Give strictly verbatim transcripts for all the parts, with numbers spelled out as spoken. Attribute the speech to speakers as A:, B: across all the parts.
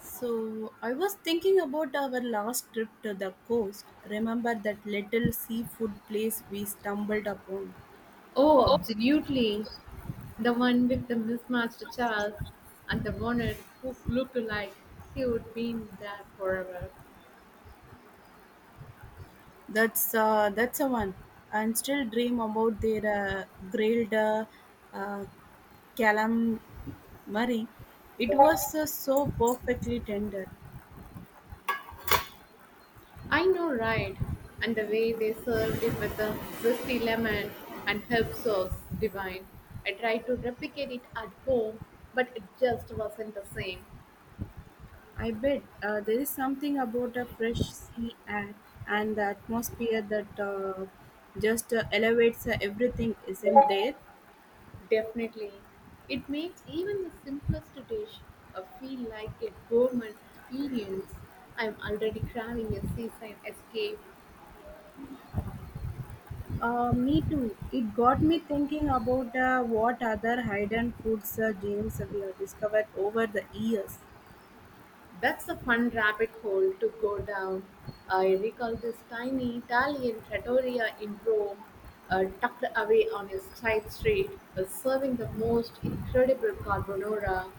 A: So, I was thinking about our last trip to the coast. Remember that little seafood place we stumbled upon?
B: Oh, absolutely. The one with the mismatched chairs and the bonnet who looked like he would be in there forever.
A: That's uh, that's a one. And still dream about their uh, grilled uh, uh, calamari. It was uh, so perfectly tender.
B: I know, right? And the way they served it with the zesty lemon and herb sauce, divine. I tried to replicate it at home, but it just wasn't the same.
A: I bet uh, there is something about a fresh sea air and the atmosphere that uh, just uh, elevates uh, everything, isn't there?
B: Definitely. It makes even the simplest dish uh, feel like a gourmet experience. I'm already craving a seaside escape.
A: Uh, me too. It got me thinking about uh, what other hidden foods uh, gems we have discovered over the years.
B: That's a fun rabbit hole to go down. I recall this tiny Italian trattoria in Rome, uh, tucked away on a side street, uh, serving the most incredible carbonara.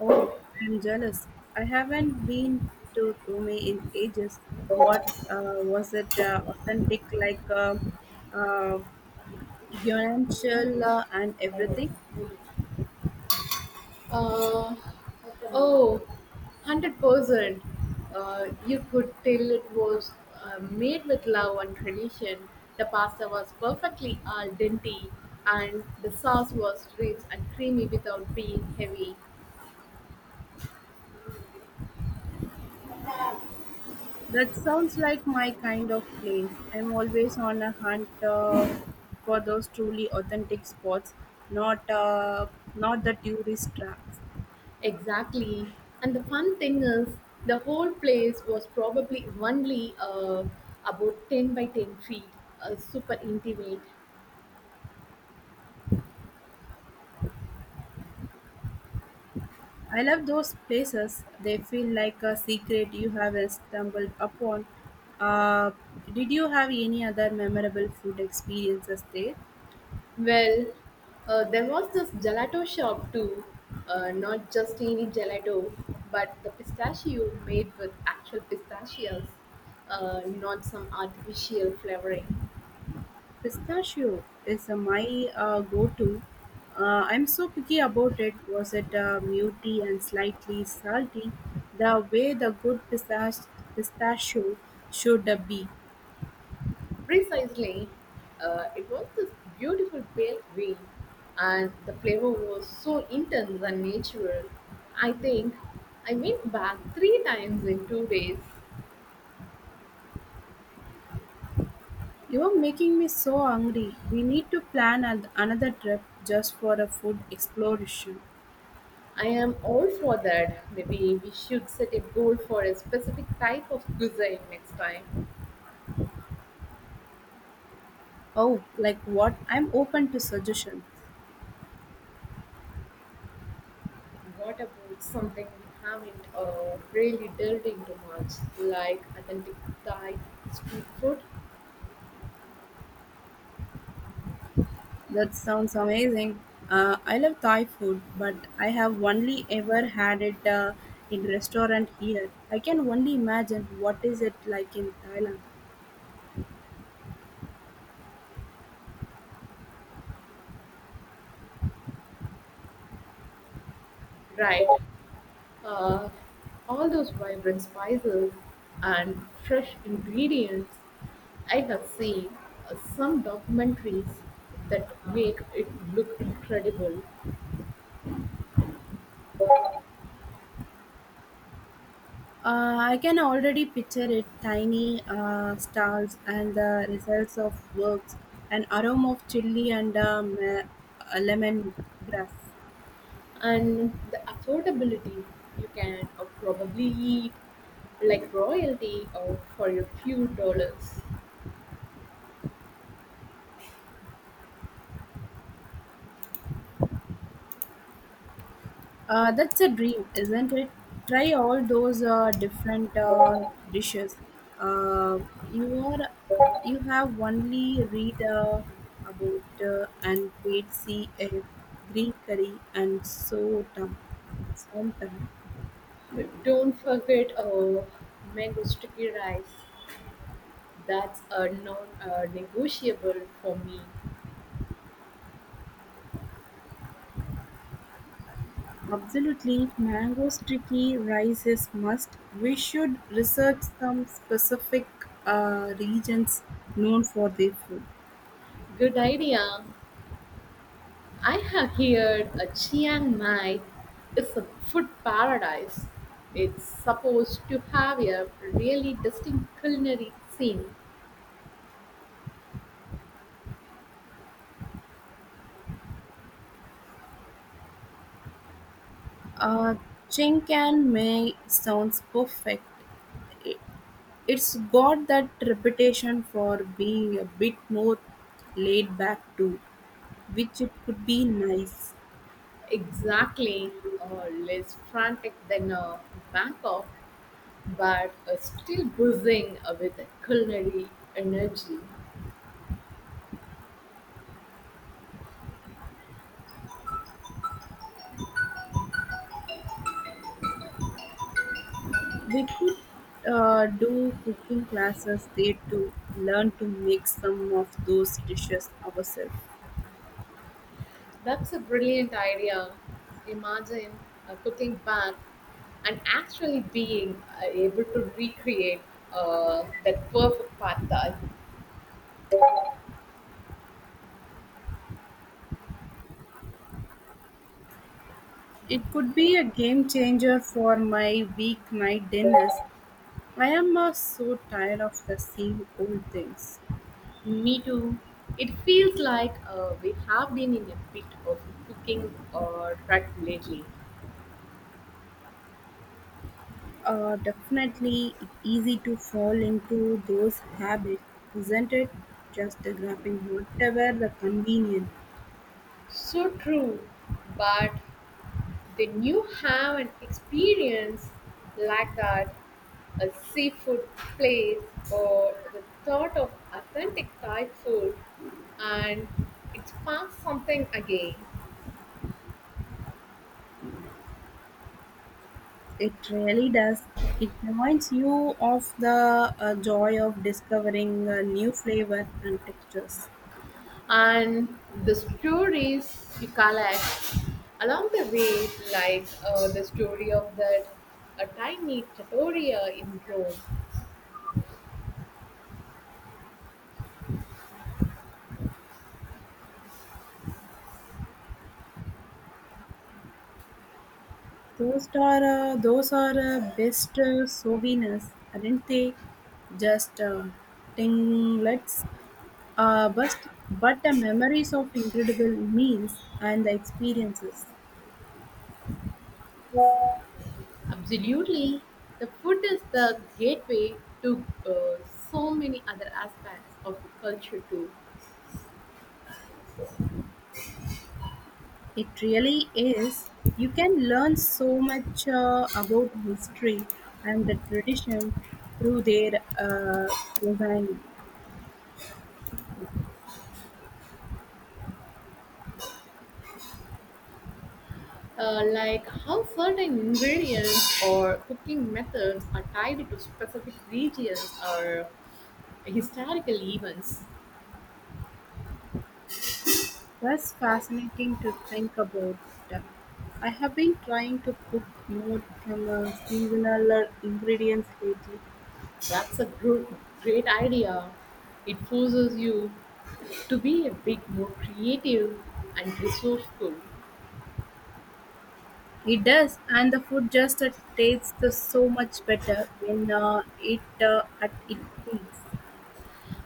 A: Oh, I'm jealous. I haven't been to Rome in ages. What uh, was it uh, authentic, like uh, uh, Guaranchel uh, and everything?
B: Uh, oh, one hundred percent. Uh, you could tell it was uh, made with love and tradition. The pasta was perfectly al dente, and the sauce was rich and creamy without being heavy.
A: That sounds like my kind of place. I'm always on a hunt uh, for those truly authentic spots, not uh, not the tourist traps.
B: Exactly. And the fun thing is, the whole place was probably only uh, about ten by ten feet, uh, super intimate.
A: I love those places. They feel like a secret you have stumbled upon. Uh, did you have any other memorable food experiences there?
B: Well, uh, there was this gelato shop too, uh, not just any gelato, but the pistachio made with actual pistachios, uh, not some artificial flavoring.
A: Pistachio is uh, my uh, go-to. Uh, I'm so picky about it. Was it uh, muty and slightly salty? The way the good pistach- pistachio should uh, be.
B: Precisely, uh, it was this beautiful pale green, and the flavor was so intense and natural. I think I went back three times in two days.
A: You're making me so hungry. We need to plan an- another trip just for a food exploration.
B: I am all for that. Maybe we should set a goal for a specific type of cuisine next time.
A: Oh, like what? I'm open to suggestions.
B: What about something we haven't uh, really delved into much, like authentic Thai street food?
A: That sounds amazing. Uh, I love Thai food, but I have only ever had it uh, in restaurant here. I can only imagine what is it like in Thailand.
B: Right. Uh, all those vibrant spices and fresh ingredients. I have seen uh, some documentaries that make it look incredible,
A: Uh, I can already picture it: tiny uh, stalls and the results of works, an aroma of chili and um, uh, lemon grass.
B: and the affordability you can uh, probably eat like royalty or for a few dollars.
A: Uh, that's a dream, isn't it? Try all those uh, different uh, dishes. Uh, you are you have only read uh, about uh, and paid see a green curry and so dumb. Sometime.
B: Don't forget uh, mango sticky rice. That's a non-negotiable for me.
A: Absolutely, mango sticky rice is must. We should research some specific uh, regions known for their food.
B: Good idea. I have heard a Chiang Mai is a food paradise. It's supposed to have a really distinct culinary scene,
A: Uh, Chink and May sounds perfect. It's got that reputation for being a bit more laid back too, which it could be nice.
B: exactly uh, less frantic than uh, Bangkok, but uh, still buzzing uh, with culinary energy.
A: We could uh, do cooking classes there to learn to make some of those dishes ourselves.
B: That's a brilliant idea. Imagine uh, cooking back and actually being uh, able to recreate uh, that perfect pad thai.
A: It could be a game changer for my weeknight dinners. I am uh, so tired of the same old things.
B: Me too. It feels like uh, we have been in a bit of cooking or track lately.
A: Uh, definitely it easy to fall into those habits, isn't it? Just grabbing whatever the convenient.
B: So true. But when you have an experience like that, a seafood place or the thought of authentic Thai food, and it sparks something again.
A: It really does. It reminds you of the uh, joy of discovering uh, new flavor and textures.
B: And the stories you collect along the way, like uh, the story of that a tiny trattoria in Rome.
A: Those are uh, those are uh, best uh, souvenirs, aren't they? Just uh, tinglets, uh, but but the memories of incredible meals and the experiences.
B: Absolutely, the food is the gateway to uh, so many other aspects of the culture too.
A: It really is. You can learn so much uh, about history and the tradition through their uh, design.
B: Uh, like how certain ingredients or cooking methods are tied to specific regions or historical events.
A: That's fascinating to think about. I have been trying to cook more from uh, singular ingredients lately.
B: That's a gr- great idea. It forces you to be a bit more creative and resourceful.
A: It does, and the food just uh, tastes so much better when uh, it uh, at its peaks.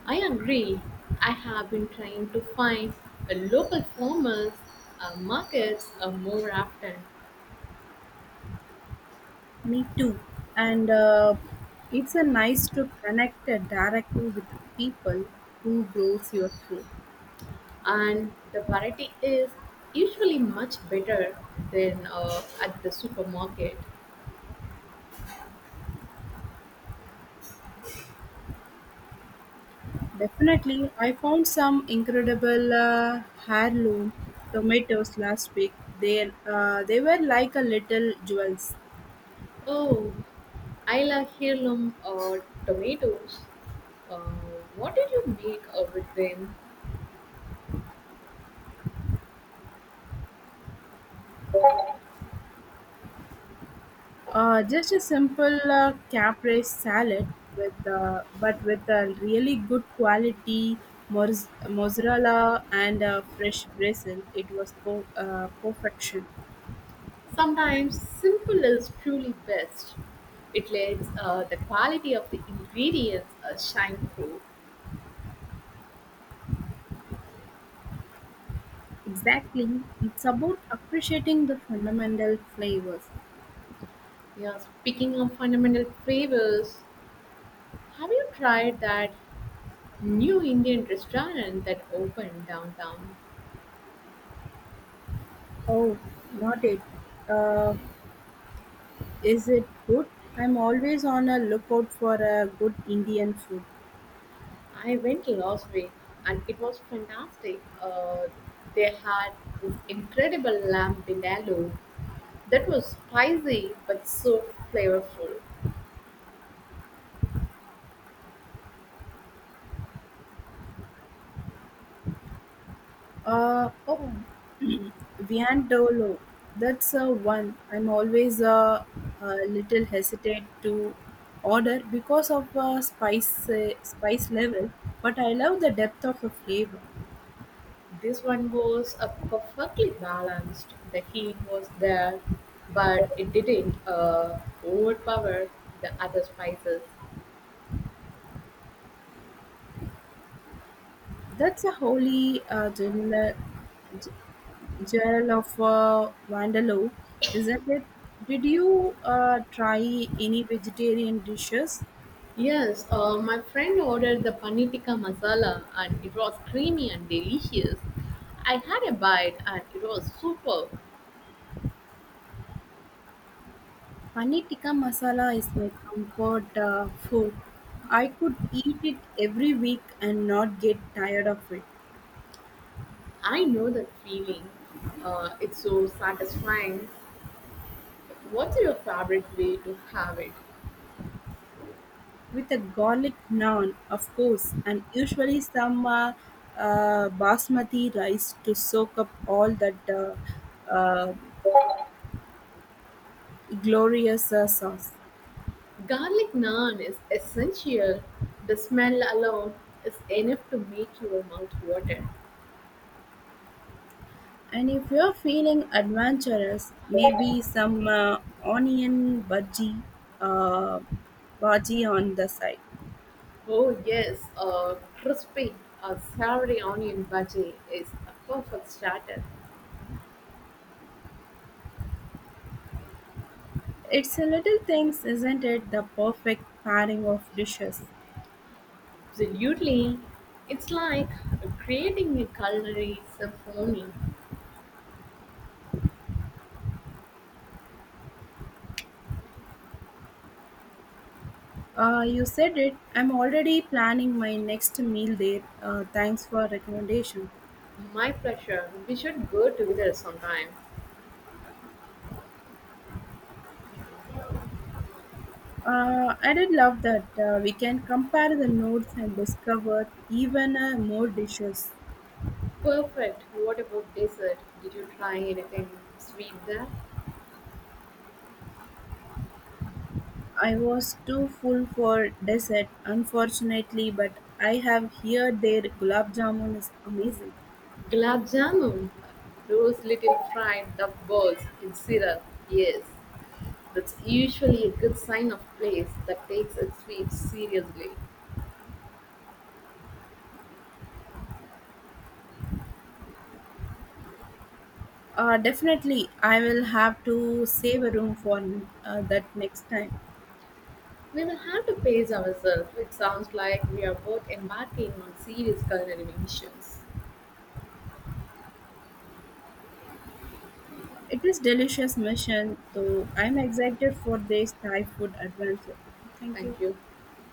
B: I agree. I have been trying to find a local farmers uh, markets uh, more often,
A: Me too. And uh, it's a nice to connect uh, directly with people who grows your food.
B: and the variety is usually much better than uh, at the supermarket.
A: Definitely, I found some incredible uh, heirloom tomatoes last week. They uh, they were like a little jewels.
B: Oh, I love heirloom uh, tomatoes. Uh, what did you make uh, with them?
A: Uh, just a simple uh, caprese salad with uh, but with a really good quality mozz- mozzarella and uh, fresh basil. It was po- uh, perfection.
B: Sometimes simple is truly best. It lets uh, the quality of the ingredients uh, shine through.
A: Exactly. It's about appreciating the fundamental flavors.
B: Yeah, speaking of fundamental flavors, have you tried that new Indian restaurant that opened downtown?
A: Oh, not it. Uh, is it good? I'm always on a lookout for a good Indian food.
B: I went last week and it was fantastic. Uh, they had this incredible lamb vindaloo that was spicy but so flavorful.
A: Uh, oh, viandolo. That's uh, one. I'm always uh, a little hesitant to order because of uh, spice uh, spice level, but I love the depth of a flavor.
B: This one was uh, perfectly balanced. The heat was there, but it didn't uh, overpower the other spices.
A: That's a wholly uh, general. Jail of uh, Vandaloo, isn't it? Did you uh, try any vegetarian dishes?
B: Yes, uh, my friend ordered the paneer tikka masala, and it was creamy and delicious. I had a bite, and it was superb.
A: Paneer tikka masala is my comfort uh, food. I could eat it every week and not get tired of it.
B: I know that feeling. Uh, it's so satisfying. What's your favorite way to have it?
A: With a garlic naan, of course, and usually some uh, uh, basmati rice to soak up all that uh, uh, glorious uh, sauce.
B: Garlic naan is essential. The smell alone is enough to make your mouth water.
A: And if you're feeling adventurous, maybe some uh, onion budgie, uh, bhaji on the side.
B: Oh yes, a crispy a savory onion bhaji is a perfect starter.
A: It's a little things, isn't it? The perfect pairing of dishes.
B: Absolutely. It's like creating a culinary symphony.
A: Uh, you said it. I'm already planning my next meal there. Uh, thanks for recommendation.
B: My pleasure. We should go together sometime.
A: Uh, I did love that. Uh, we can compare the notes and discover even uh, more dishes.
B: Perfect. What about dessert? Did you try anything sweet there?
A: I was too full for dessert, unfortunately, but I have heard their gulab jamun is amazing.
B: Gulab Jamun, those little fried duck balls in syrup, yes, that's usually a good sign of place that takes its sweets seriously.
A: Uh, definitely, I will have to save a room for uh, that next time.
B: We will have to pace ourselves. It sounds like we are both embarking on serious culinary missions.
A: It is delicious mission, so I'm excited for this Thai food adventure. Thank you.
B: Thank you.